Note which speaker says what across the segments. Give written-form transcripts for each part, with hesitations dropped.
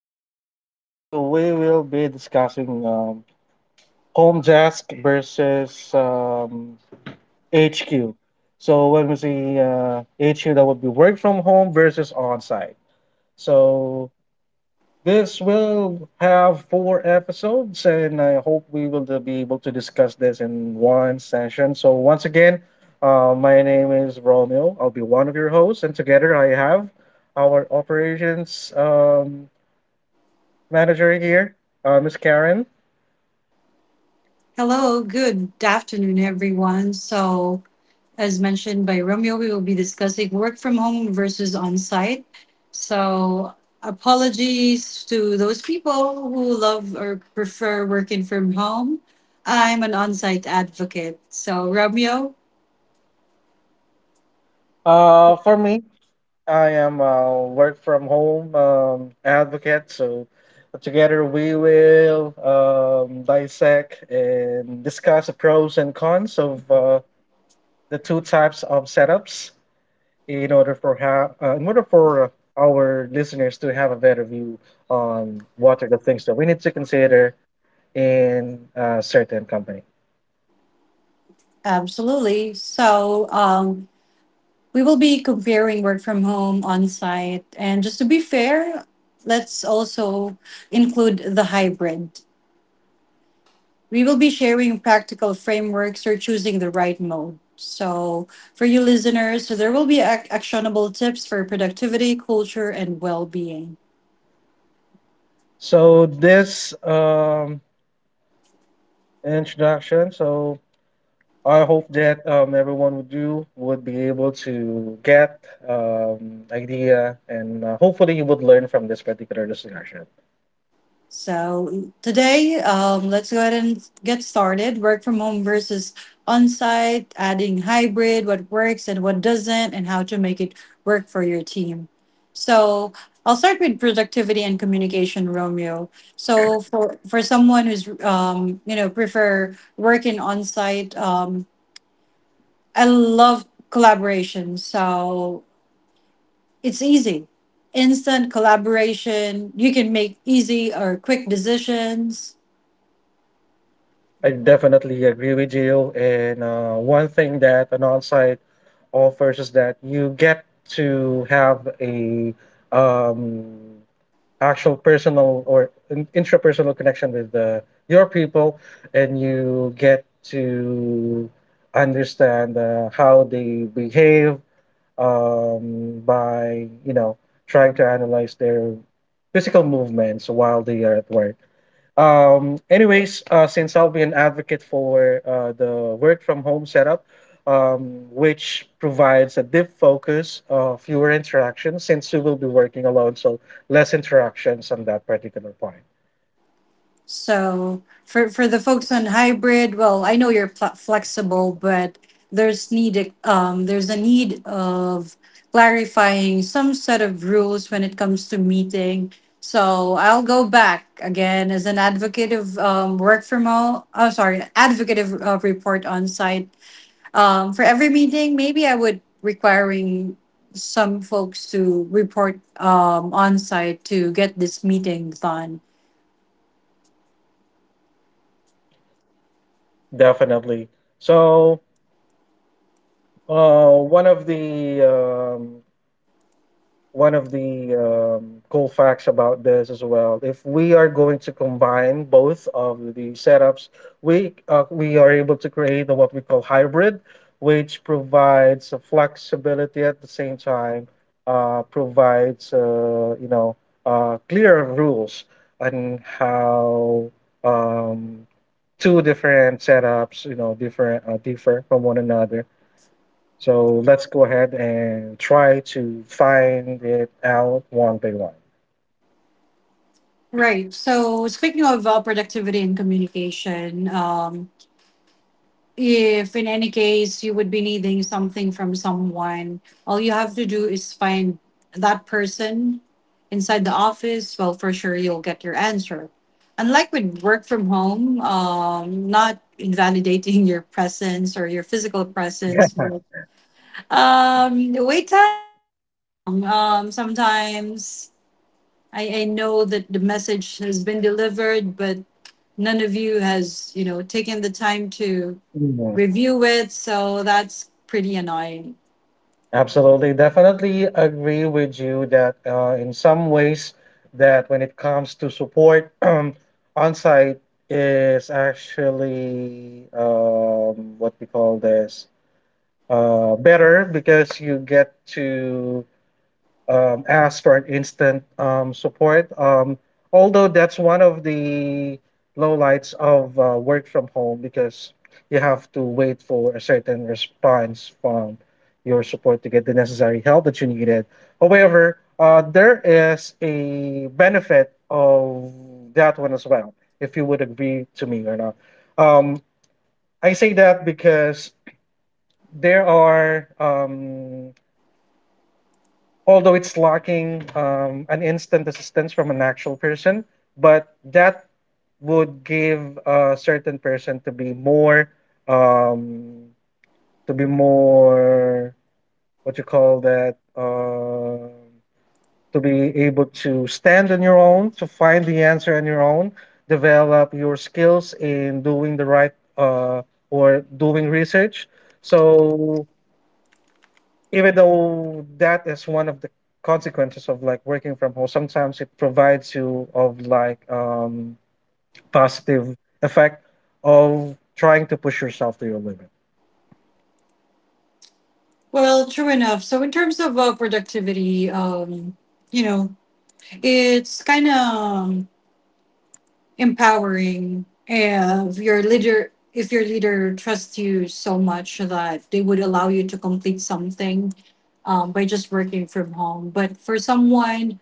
Speaker 1: So, for today, we will be discussing home desk versus HQ. So, when we say HQ, that would be work from home versus on site. So, this will have four episodes, and I hope we will be able to discuss this in one session. So, once again, my name is Romeo. I'll be one of your hosts, and together I have our operations manager here, Miss Karen.
Speaker 2: Hello, good afternoon, everyone. So, as mentioned by Romeo, we will be discussing work from home versus on site. So, apologies to those people who love or prefer working from home. I'm an on site advocate. So, Romeo,
Speaker 1: For me, I am a work from home advocate, so together we will dissect and discuss the pros and cons of the two types of setups in order for our listeners to have a better view on what are the things that we need to consider in a certain company.
Speaker 2: absolutely. So, we will be comparing work from home on site. And just to be fair, let's also include the hybrid. We will be sharing practical frameworks for choosing the right mode. So, for you listeners, so there will be actionable tips for productivity, culture, and well being.
Speaker 1: So this introduction. So I hope that everyone would be able to get idea and hopefully you would learn from this particular discussion.
Speaker 2: So today, let's go ahead and get started. Work from home versus on site, adding hybrid, what works and what doesn't, and how to make it work for your team. So I'll start with productivity and communication, Romeo. So for someone who's you know prefer working on site, I love collaboration. So it's easy, instant collaboration. You can make easy or quick decisions.
Speaker 1: I definitely agree with you. And one thing that an on-site offers is that you get to have a um, actual personal or intrapersonal connection with your people, and you get to understand how they behave by trying to analyze their physical movements while they are at work. Anyways, since I'll be an advocate for the work from home setup, which provides a deep focus, fewer interactions, since you will be working alone, so less interactions on that particular point.
Speaker 2: So for the folks on hybrid, well, I know you're flexible, but there's a need of clarifying some set of rules when it comes to meeting. So I'll go back again as an advocate of work from home. Oh, sorry, advocate of report on site. For every meeting, maybe I would requiring some folks to report on site to get this meeting done.
Speaker 1: Definitely. So, one of the cool facts about this as well. If we are going to combine both of the setups, we are able to create the, what we call hybrid, which provides a flexibility at the same time, provides clear rules on how um, two different setups differ from one another. So let's go ahead and try to find it out one by one.
Speaker 2: Right. So speaking of productivity and communication, if in any case you would be needing something from someone, all you have to do is find that person inside the office. Well, for sure you'll get your answer. Unlike with work from home, not invalidating your presence or your physical presence, but the wait time is kind of long. Sometimes I know that the message has been delivered, but none of you has you know taken the time to
Speaker 1: Mhm.
Speaker 2: review it, so that's pretty annoying.
Speaker 1: Absolutely, definitely agree with you that in some ways that when it comes to support, on-site is actually what we call this better because you get to ask for an instant support. Although that's one of the lowlights of work from home because you have to wait for a certain response from your support to get the necessary help that you needed. However, there is a benefit of that one as well, if you would agree to me or not. Um, I say that because there are although it's lacking an instant assistance from an actual person, but that would give a certain person to be more um, to be more what you call that to be able to stand on your own to find the answer on your own, develop your skills in doing the right uh, or doing research. So even though that is one of the consequences of like working from home, sometimes it provides you of like positive effect of trying to push yourself to your limit.
Speaker 2: Well, true enough. So in terms of productivity, you know, it's kind of empowering if your leader trusts you so much that they would allow you to complete something by just working from home. But for someone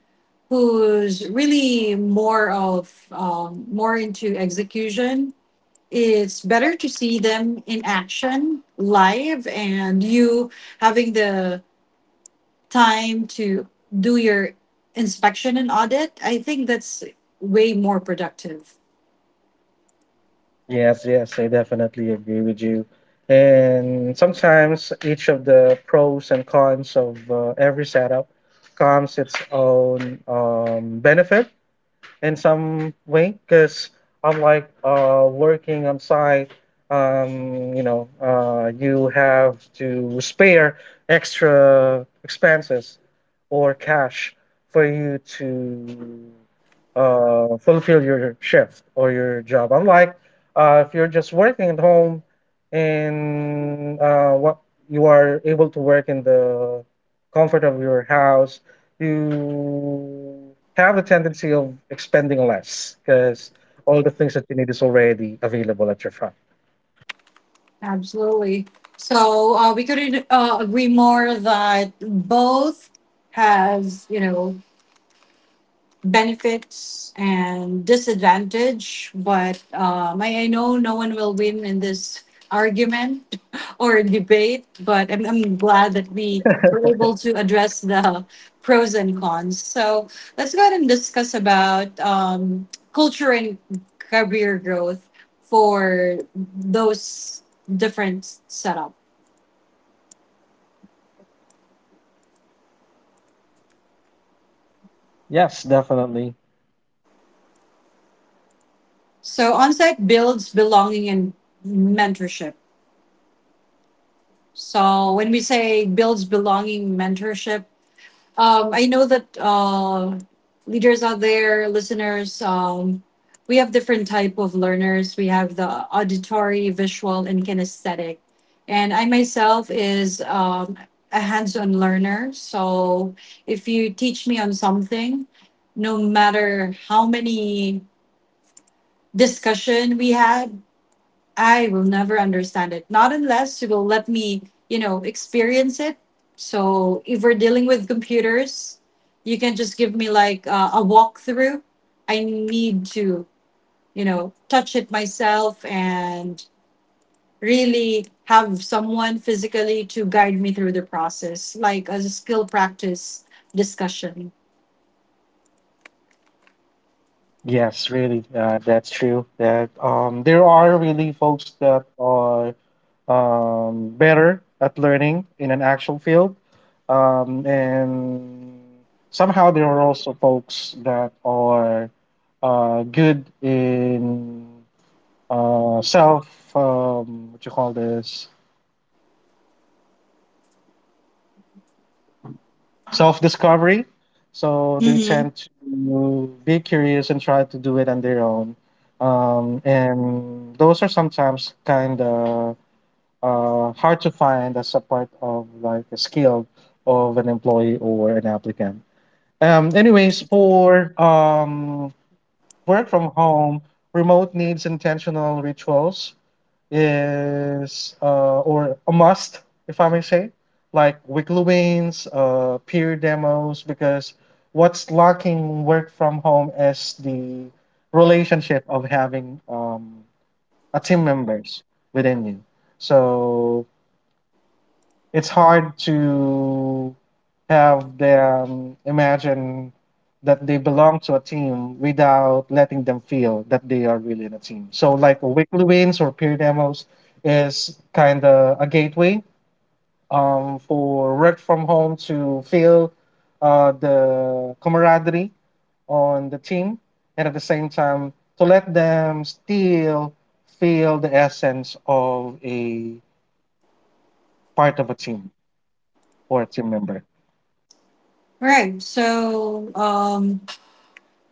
Speaker 2: who's really more of more into execution, it's better to see them in action live, and you having the time to do your inspection and audit, I think that's way more productive.
Speaker 1: Yes, yes, I definitely agree with you. And sometimes each of the pros and cons of every setup comes its own benefit in some way because unlike working on site, you know, you have to spare extra expenses or cash for you to fulfill your shift or your job. Unlike if you're just working at home and what you are able to work in the comfort of your house, you have a tendency of expending less because all the things that you need is already available at your front.
Speaker 2: Absolutely. So we couldn't agree more that both has you know benefits and disadvantage, but I know no one will win in this argument or debate, but I'm glad that we were able to address the pros and cons. So let's go ahead and discuss about culture and career growth for those different setup.
Speaker 1: Yes, definitely.
Speaker 2: So on-site builds belonging and mentorship. So when we say builds belonging mentorship, I know that leaders out there, listeners, we have different type of learners. We have the auditory, visual, and kinesthetic. And I myself is a hands-on learner. So if you teach me on something, no matter how many discussion we had, I will never understand it. Not unless you will let me, you know, experience it. So if we're dealing with computers, you can just give me like a walkthrough. I need to, you know, touch it myself and really have someone physically to guide me through the process, like as a skill practice discussion.
Speaker 1: Yes, really. That's true. That there are really folks that are better at learning in an actual field. And somehow there are also folks that are good in self, what you call this, self discovery. So they
Speaker 2: Mm-hmm.
Speaker 1: tend to be curious and try to do it on their own. And those are sometimes kind of hard to find as a part of like a skill of an employee or an applicant. Anyways, for work from home, remote needs intentional rituals is or a must, if I may say, like weekly wins, peer demos, because what's lacking work from home is the relationship of having a team members within you. So it's hard to have them imagine that they belong to a team without letting them feel that they are really in a team. So like a weekly wins or peer demos is kind of a gateway for work from home to feel the camaraderie on the team and at the same time to let them still feel the essence of a part of a team or a team member.
Speaker 2: Right. So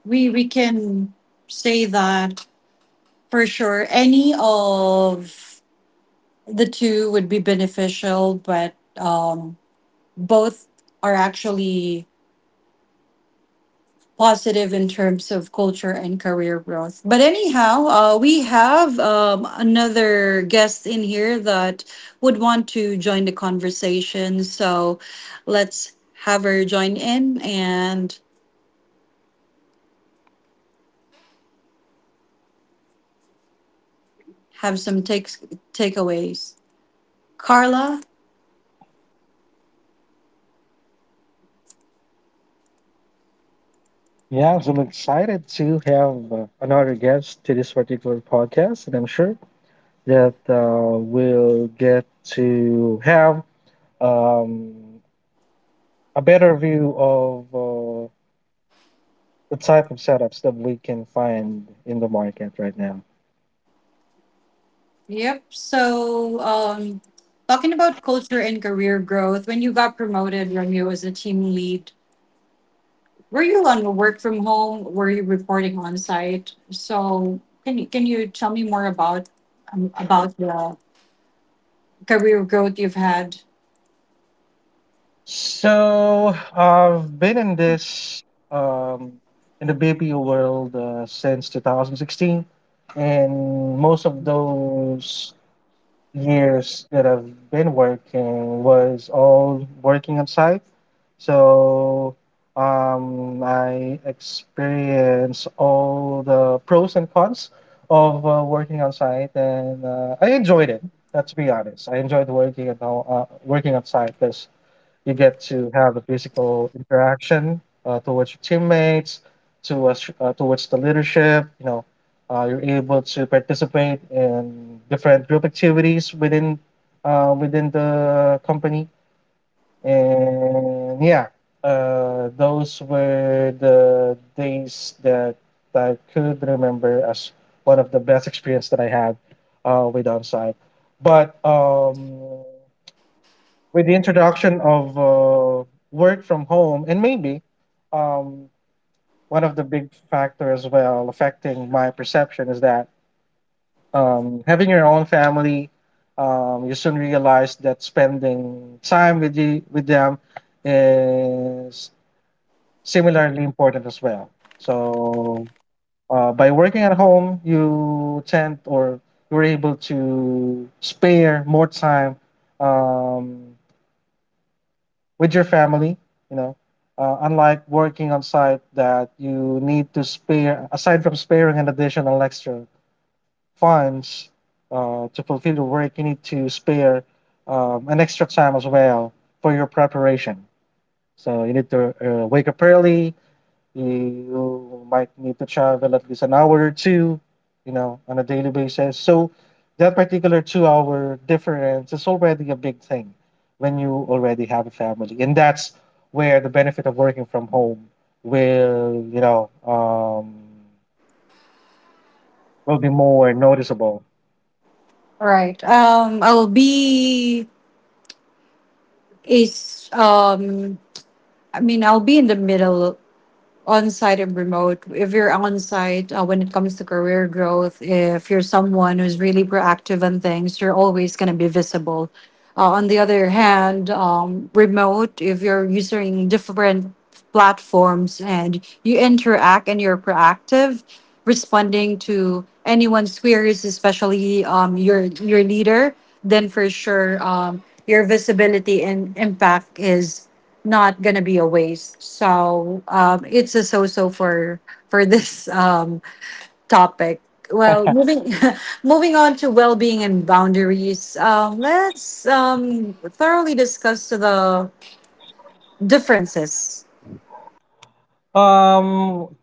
Speaker 2: we can say that for sure, any of the two would be beneficial, but both are actually positive in terms of culture and career growth. But anyhow, we have another guest in here that would want to join the conversation. So let's have her join in and have some takes takeaways. Carla,
Speaker 1: Yeah, so I'm excited to have another guest to this particular podcast, and I'm sure that we'll get to have um, a better view of the type of setups that we can find in the market right now.
Speaker 2: yep. So, talking about culture and career growth, when you got promoted, Romeo, as a team lead, were you on a work from home? Were you reporting on site? So, can you tell me more about about the career growth you've had?
Speaker 1: So I've been in this um, in the BPO world since 2016, and most of those years that I've been working was all working on site. So I experienced all the pros and cons of working on site, and I enjoyed it. Let's be honest, I enjoyed working at all, working on site because you get to have a physical interaction towards your teammates, towards the leadership. You know, you're able to participate in different group activities within the company, and yeah, those were the days that I could remember as one of the best experience that I had with on-site. But with the introduction of work from home, and maybe um, one of the big factor as well affecting my perception is that having your own family, you soon realize that spending time with you with them is similarly important as well. So by working at home, you tend or you're able to spare more time um, with your family. You know, unlike working on site, that you need to spare aside from sparing an additional extra funds to fulfill your work, you need to spare an extra time as well for your preparation. So you need to wake up early, you might need to travel at least an hour or two, you know, on a daily basis. So that particular 2 hour difference is already a big thing when you already have a family. And that's where the benefit of working from home will, you know, will be more noticeable.
Speaker 2: Right. Is um. I mean, I'll be in the middle on-site and remote. If you're on-site, when it comes to career growth, if you're someone who's really proactive on things, you're always going to be visible. On the other hand, remote, if you're using different platforms and you interact and you're proactive responding to anyone's queries, especially your leader, then for sure your visibility and impact is not gonna be a waste. So it's a so-so for this topic. Well, moving moving on to well-being and boundaries. Let's thoroughly discuss the differences.
Speaker 1: Um,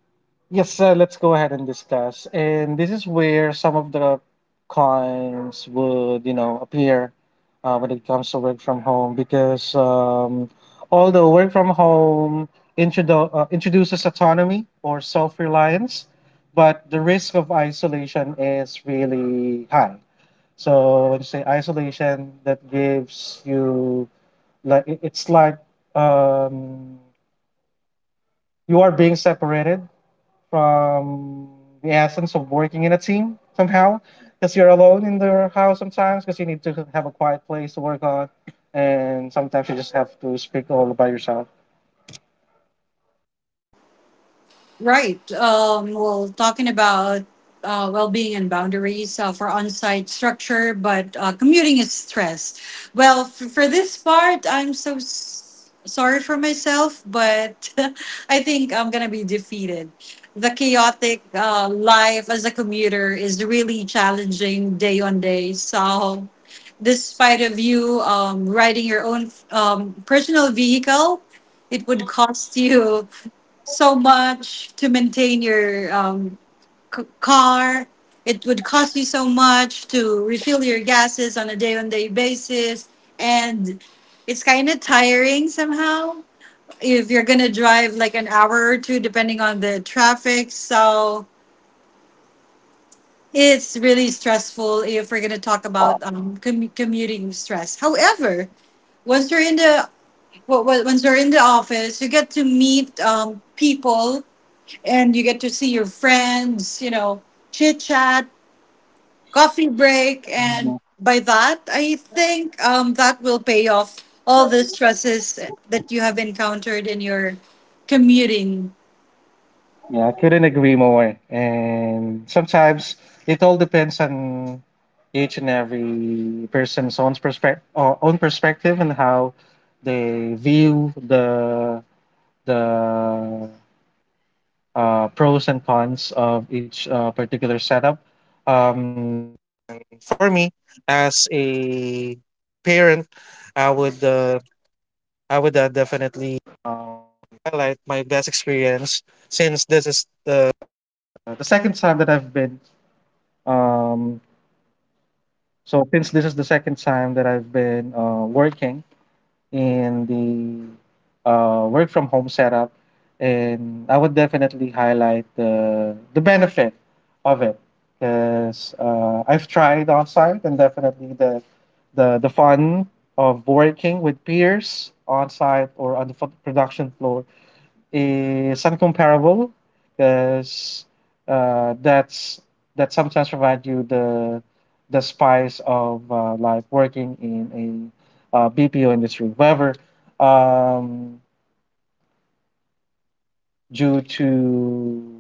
Speaker 1: Yes, let's go ahead and discuss. And this is where some of the cons would, you know, appear when it comes to work from home because although work from home introduces autonomy or self-reliance, but the risk of isolation is really high. So when you say isolation, that gives you like it's like um, you are being separated from the essence of working in a team somehow because you're alone in the house sometimes because you need to have a quiet place to work on, and sometimes you just have to speak all by yourself.
Speaker 2: Right. Well, talking about well-being and boundaries for on-site structure, but commuting is stress. Well, for this part, I'm so sorry for myself, but I think I'm gonna be defeated. The chaotic life as a commuter is really challenging day on day. So, despite of you riding your own personal vehicle, it would cost you so much to maintain your car. It would cost you so much to refill your gases on a day on day basis. And it's kind of tiring somehow if you're going to drive like an hour or two, depending on the traffic. So it's really stressful if we're going to talk about commuting stress. However, once you're in the once you're in the office, you get to meet people and you get to see your friends, you know, chit chat, coffee break, and
Speaker 1: Mhm.
Speaker 2: by that, I think that will pay off all the stresses that you have encountered in your commuting.
Speaker 1: Yeah, I couldn't agree more. And sometimes it all depends on each and every person's own perspective and how they view the pros and cons of each particular. Um, so since this is the second time that I've been working in the work from home setup, and I would definitely highlight the benefit of it because I've tried on-site, and definitely the fun of working with peers on-site or on the production floor is uncomparable because uh, that's that sometimes provide you the spice of like working in a BPO industry. However, um, due to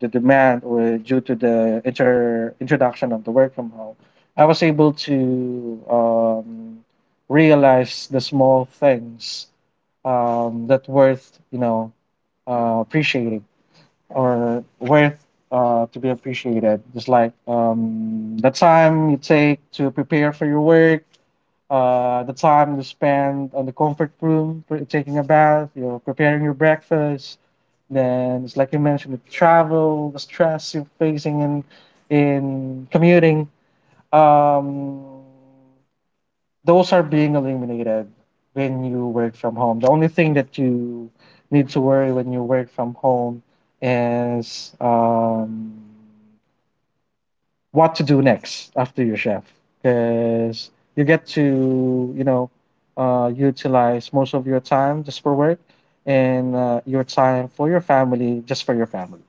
Speaker 1: the demand or due to the introduction of the work from home, I was able to realize the small things that worth appreciating or worth to be appreciated. Just like the time you take to prepare for your work, the time you spend on the comfort room, for taking a bath, you know, preparing your breakfast. Then it's like you mentioned, the travel, the stress you're facing in commuting. Um, those are being eliminated when you work from home. The only thing that you need to worry when you work from home is what to do next after your shift, because you get to utilize most of your time just for work and your time for your family just for your family.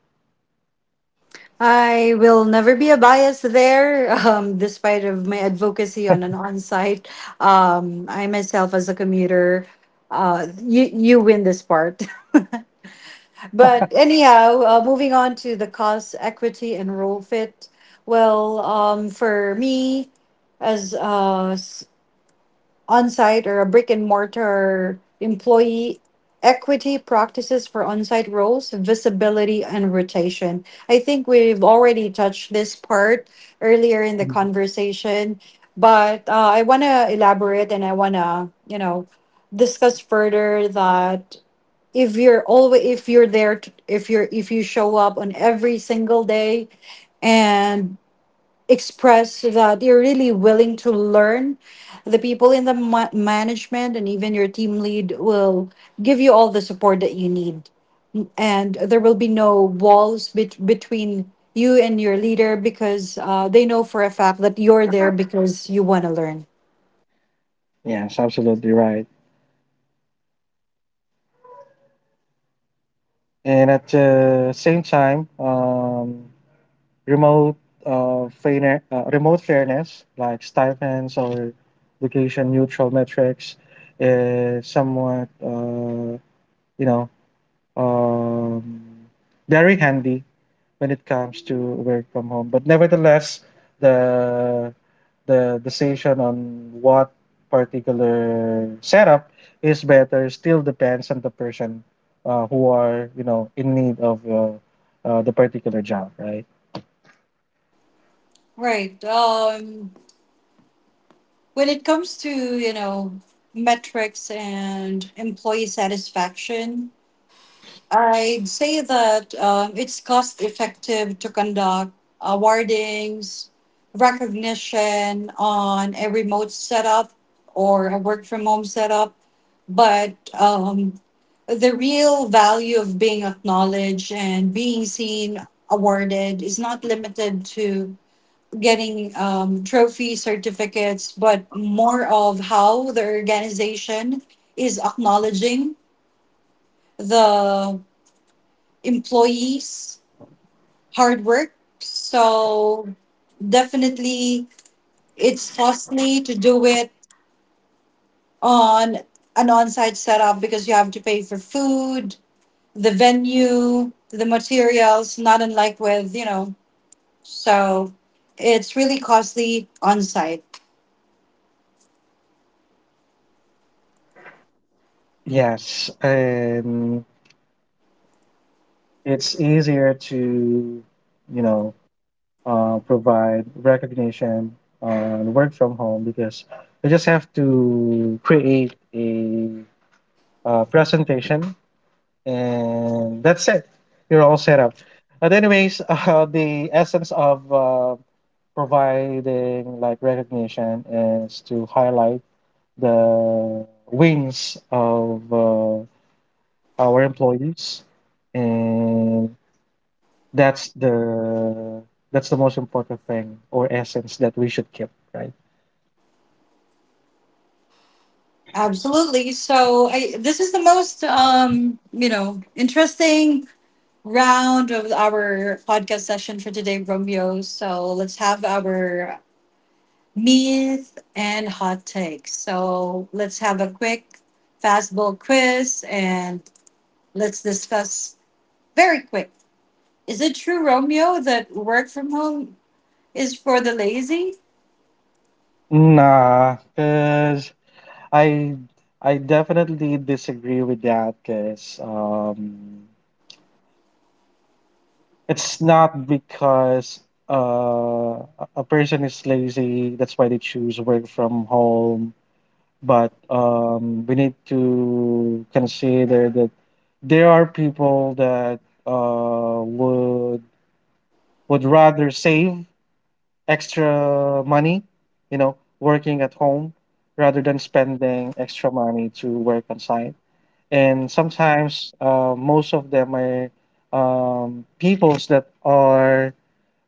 Speaker 2: I will never be a bias there, despite of my advocacy on an on-site. I myself, as a commuter, you win this part. But anyhow, moving on to the cost, equity, and role fit. Well, for me, as on-site or a brick and mortar employee, equity practices for on-site roles, visibility, and rotation. I think we've already touched this part earlier in the
Speaker 1: Mhm.
Speaker 2: conversation, but I want to elaborate and I want to, you know, discuss further that if you're there to, if you show up on every single day and express that you're really willing to learn, the people in the management and even your team lead will give you all the support that you need, and there will be no walls between you and your leader because they know for a fact that you're there because you want to learn.
Speaker 1: Yes, absolutely right. And at the same time, remote remote fairness like stipends or location neutral metrics is somewhat you know um, very handy when it comes to work from home. But nevertheless, the the decision on what particular setup is better still depends on the person who are in need of the particular job, right?
Speaker 2: Right. When it comes to, you know, metrics and employee satisfaction, I'd say that it's cost effective to conduct awardings, recognition on a remote setup or a work from home setup. But the real value of being acknowledged and being seen, awarded, is not limited to getting trophy certificates, but more of how the organization is acknowledging the employees' hard work. So definitely, it's costly to do it on an on-site setup because you have to pay for food, the venue, the materials. Not unlike with you know, so it's really costly on-site.
Speaker 1: Yes, and it's easier to, you know, provide recognition on work from home because you just have to create a presentation and that's it. You're all set up. But anyways, the essence of providing like recognition is to highlight the wins of our employees. And That's the that's the most important thing or essence that we should keep, right?
Speaker 2: Absolutely. So I, this is the most you know interesting round of our podcast session for today, Romeo. So let's have our myth and hot takes. So let's have a quick fastball quiz and let's discuss very quick. Is it true, Romeo, that work from home is for the lazy?
Speaker 1: Nah, because I I definitely disagree with that. Because it's not because a person is lazy, that's why they choose work from home. But we need to consider that there are people that uh, would would rather save extra money, you know, working at home rather than spending extra money to work on site. And sometimes most of them are peoples that are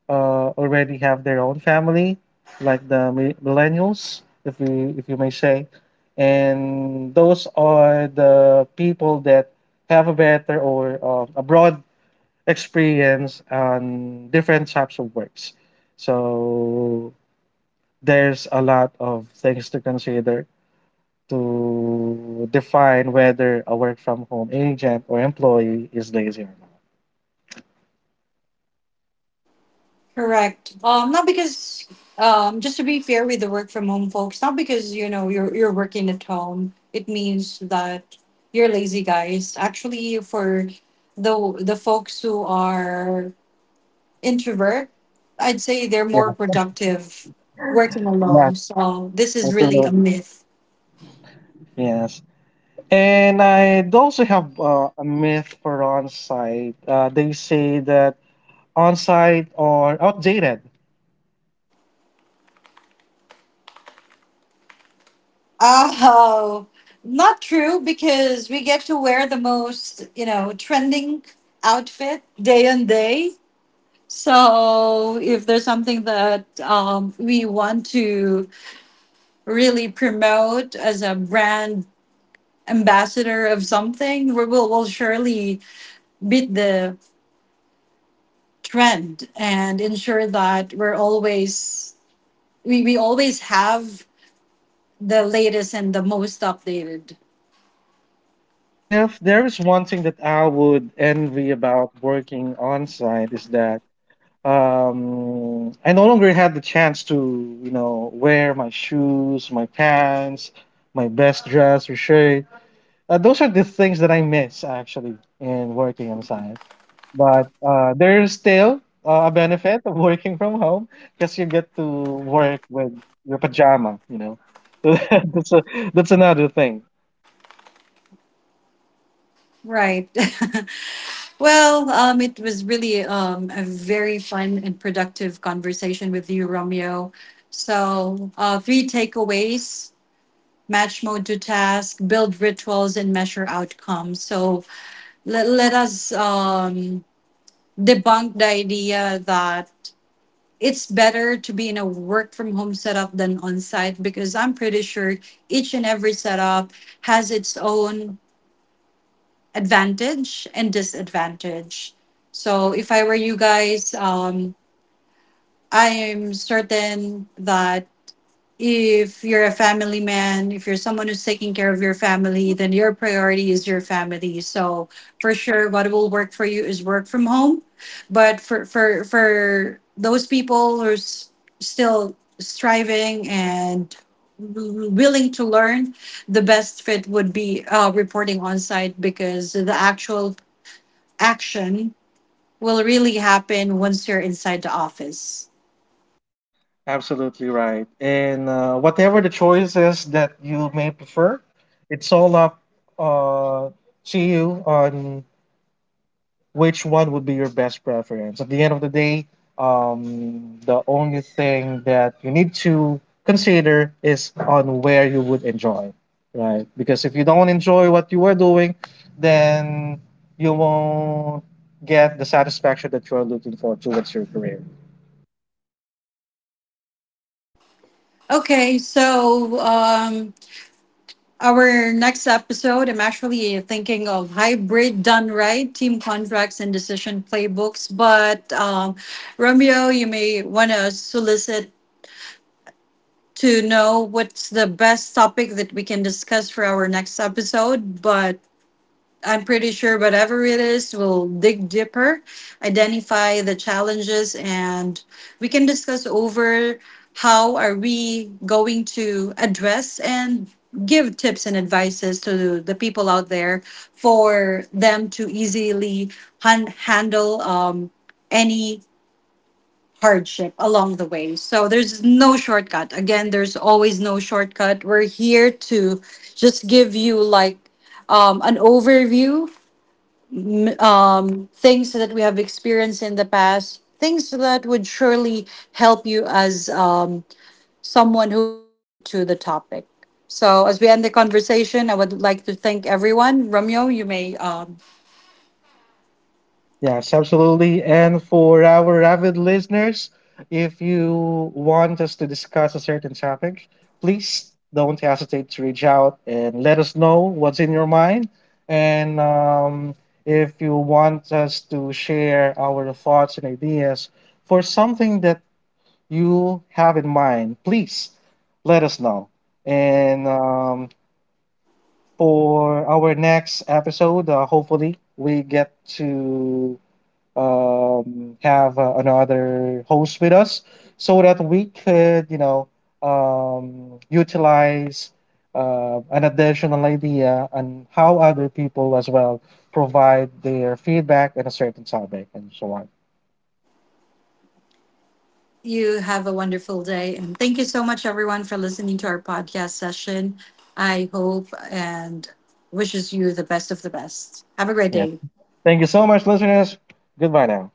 Speaker 1: already have their own family, like the millennials, if we if you may say. And those are the people that have a better or a broad experience on different types of works. So there's a lot of things to consider to define whether a work from home agent or employee is lazy or not.
Speaker 2: Correct. Not because just to be fair with the work from home folks, not because you know you're working at home, it means that you're lazy, guys. Actually, for the the folks who are introvert, I'd say they're
Speaker 1: Yeah,
Speaker 2: more productive working
Speaker 1: yeah,
Speaker 2: alone. So this is really a
Speaker 1: absolutely.
Speaker 2: myth.
Speaker 1: Yes. And I also have a myth for on site. They say that on site are outdated.
Speaker 2: Oh, not true because we get to wear the most you know trending outfit day on day. So, if there's something that we want to really promote as a brand ambassador of something, we'll surely beat the trend and ensure that we're always we always have the latest and the most updated.
Speaker 1: If there is one thing that I would envy about working on site is that I no longer had the chance to, you know, wear my shoes, my pants, my best dress or shirt. Those are the things that I miss actually in working inside. But there's still a benefit of working from home because you get to work with your pajama, you know. So that's a, that's another thing.
Speaker 2: Right. Well, it was really a very fun and productive conversation with you, Romeo. So, three takeaways: match mode to task, build rituals, and measure outcomes. So let us debunk the idea that it's better to be in a work from home setup than on site, because I'm pretty sure each and every setup has its own advantage and disadvantage. So if I were you guys, I am certain that if you're a family man, if you're someone who's taking care of your family, then your priority is your family. So for sure, what will work for you is work from home. But for for those people who are still striving and willing to learn, the best fit would be reporting on site because the actual action will really happen once you're inside the office.
Speaker 1: Absolutely right. And whatever the choices that you may prefer, it's all up uh, to you on which one would be your best preference. At the end of the day, the only thing that you need to consider is on where you would enjoy, right? Because if you don't enjoy what you are doing, then you won't get the satisfaction that you are looking for towards your career.
Speaker 2: Okay, so our next episode, I'm actually thinking of hybrid done right, team contracts and decision playbooks. But Romeo, you may want to solicit to know what's the best topic that we can discuss for our next episode. But I'm pretty sure whatever it is, we'll dig deeper, identify the challenges, and we can discuss over how are we going to address and give tips and advices to the people out there for them to easily handle any hardship along the way. So there's no shortcut. Again, there's always no shortcut. We're here to just give you like an overview things that we have experienced in the past, things that would surely help you as someone who could relate to the topic. So, as we end the conversation, I would like to thank everyone. Romeo, you may
Speaker 1: Yes, absolutely. And for our avid listeners, if you want us to discuss a certain topic, please don't hesitate to reach out and let us know what's in your mind. And if you want us to share our thoughts and ideas for something that you have in mind, please let us know. And for our next episode, hopefully we get to have another host with us so that we could, you know, utilize an additional idea on how other people as well provide their feedback on a certain topic and so on.
Speaker 2: you have a wonderful day, and thank you so much, everyone, for listening to our podcast session. I hope and wishes you the best of the best. Have a great
Speaker 1: Yeah.
Speaker 2: day.
Speaker 1: Thank you so much, listeners. Goodbye now.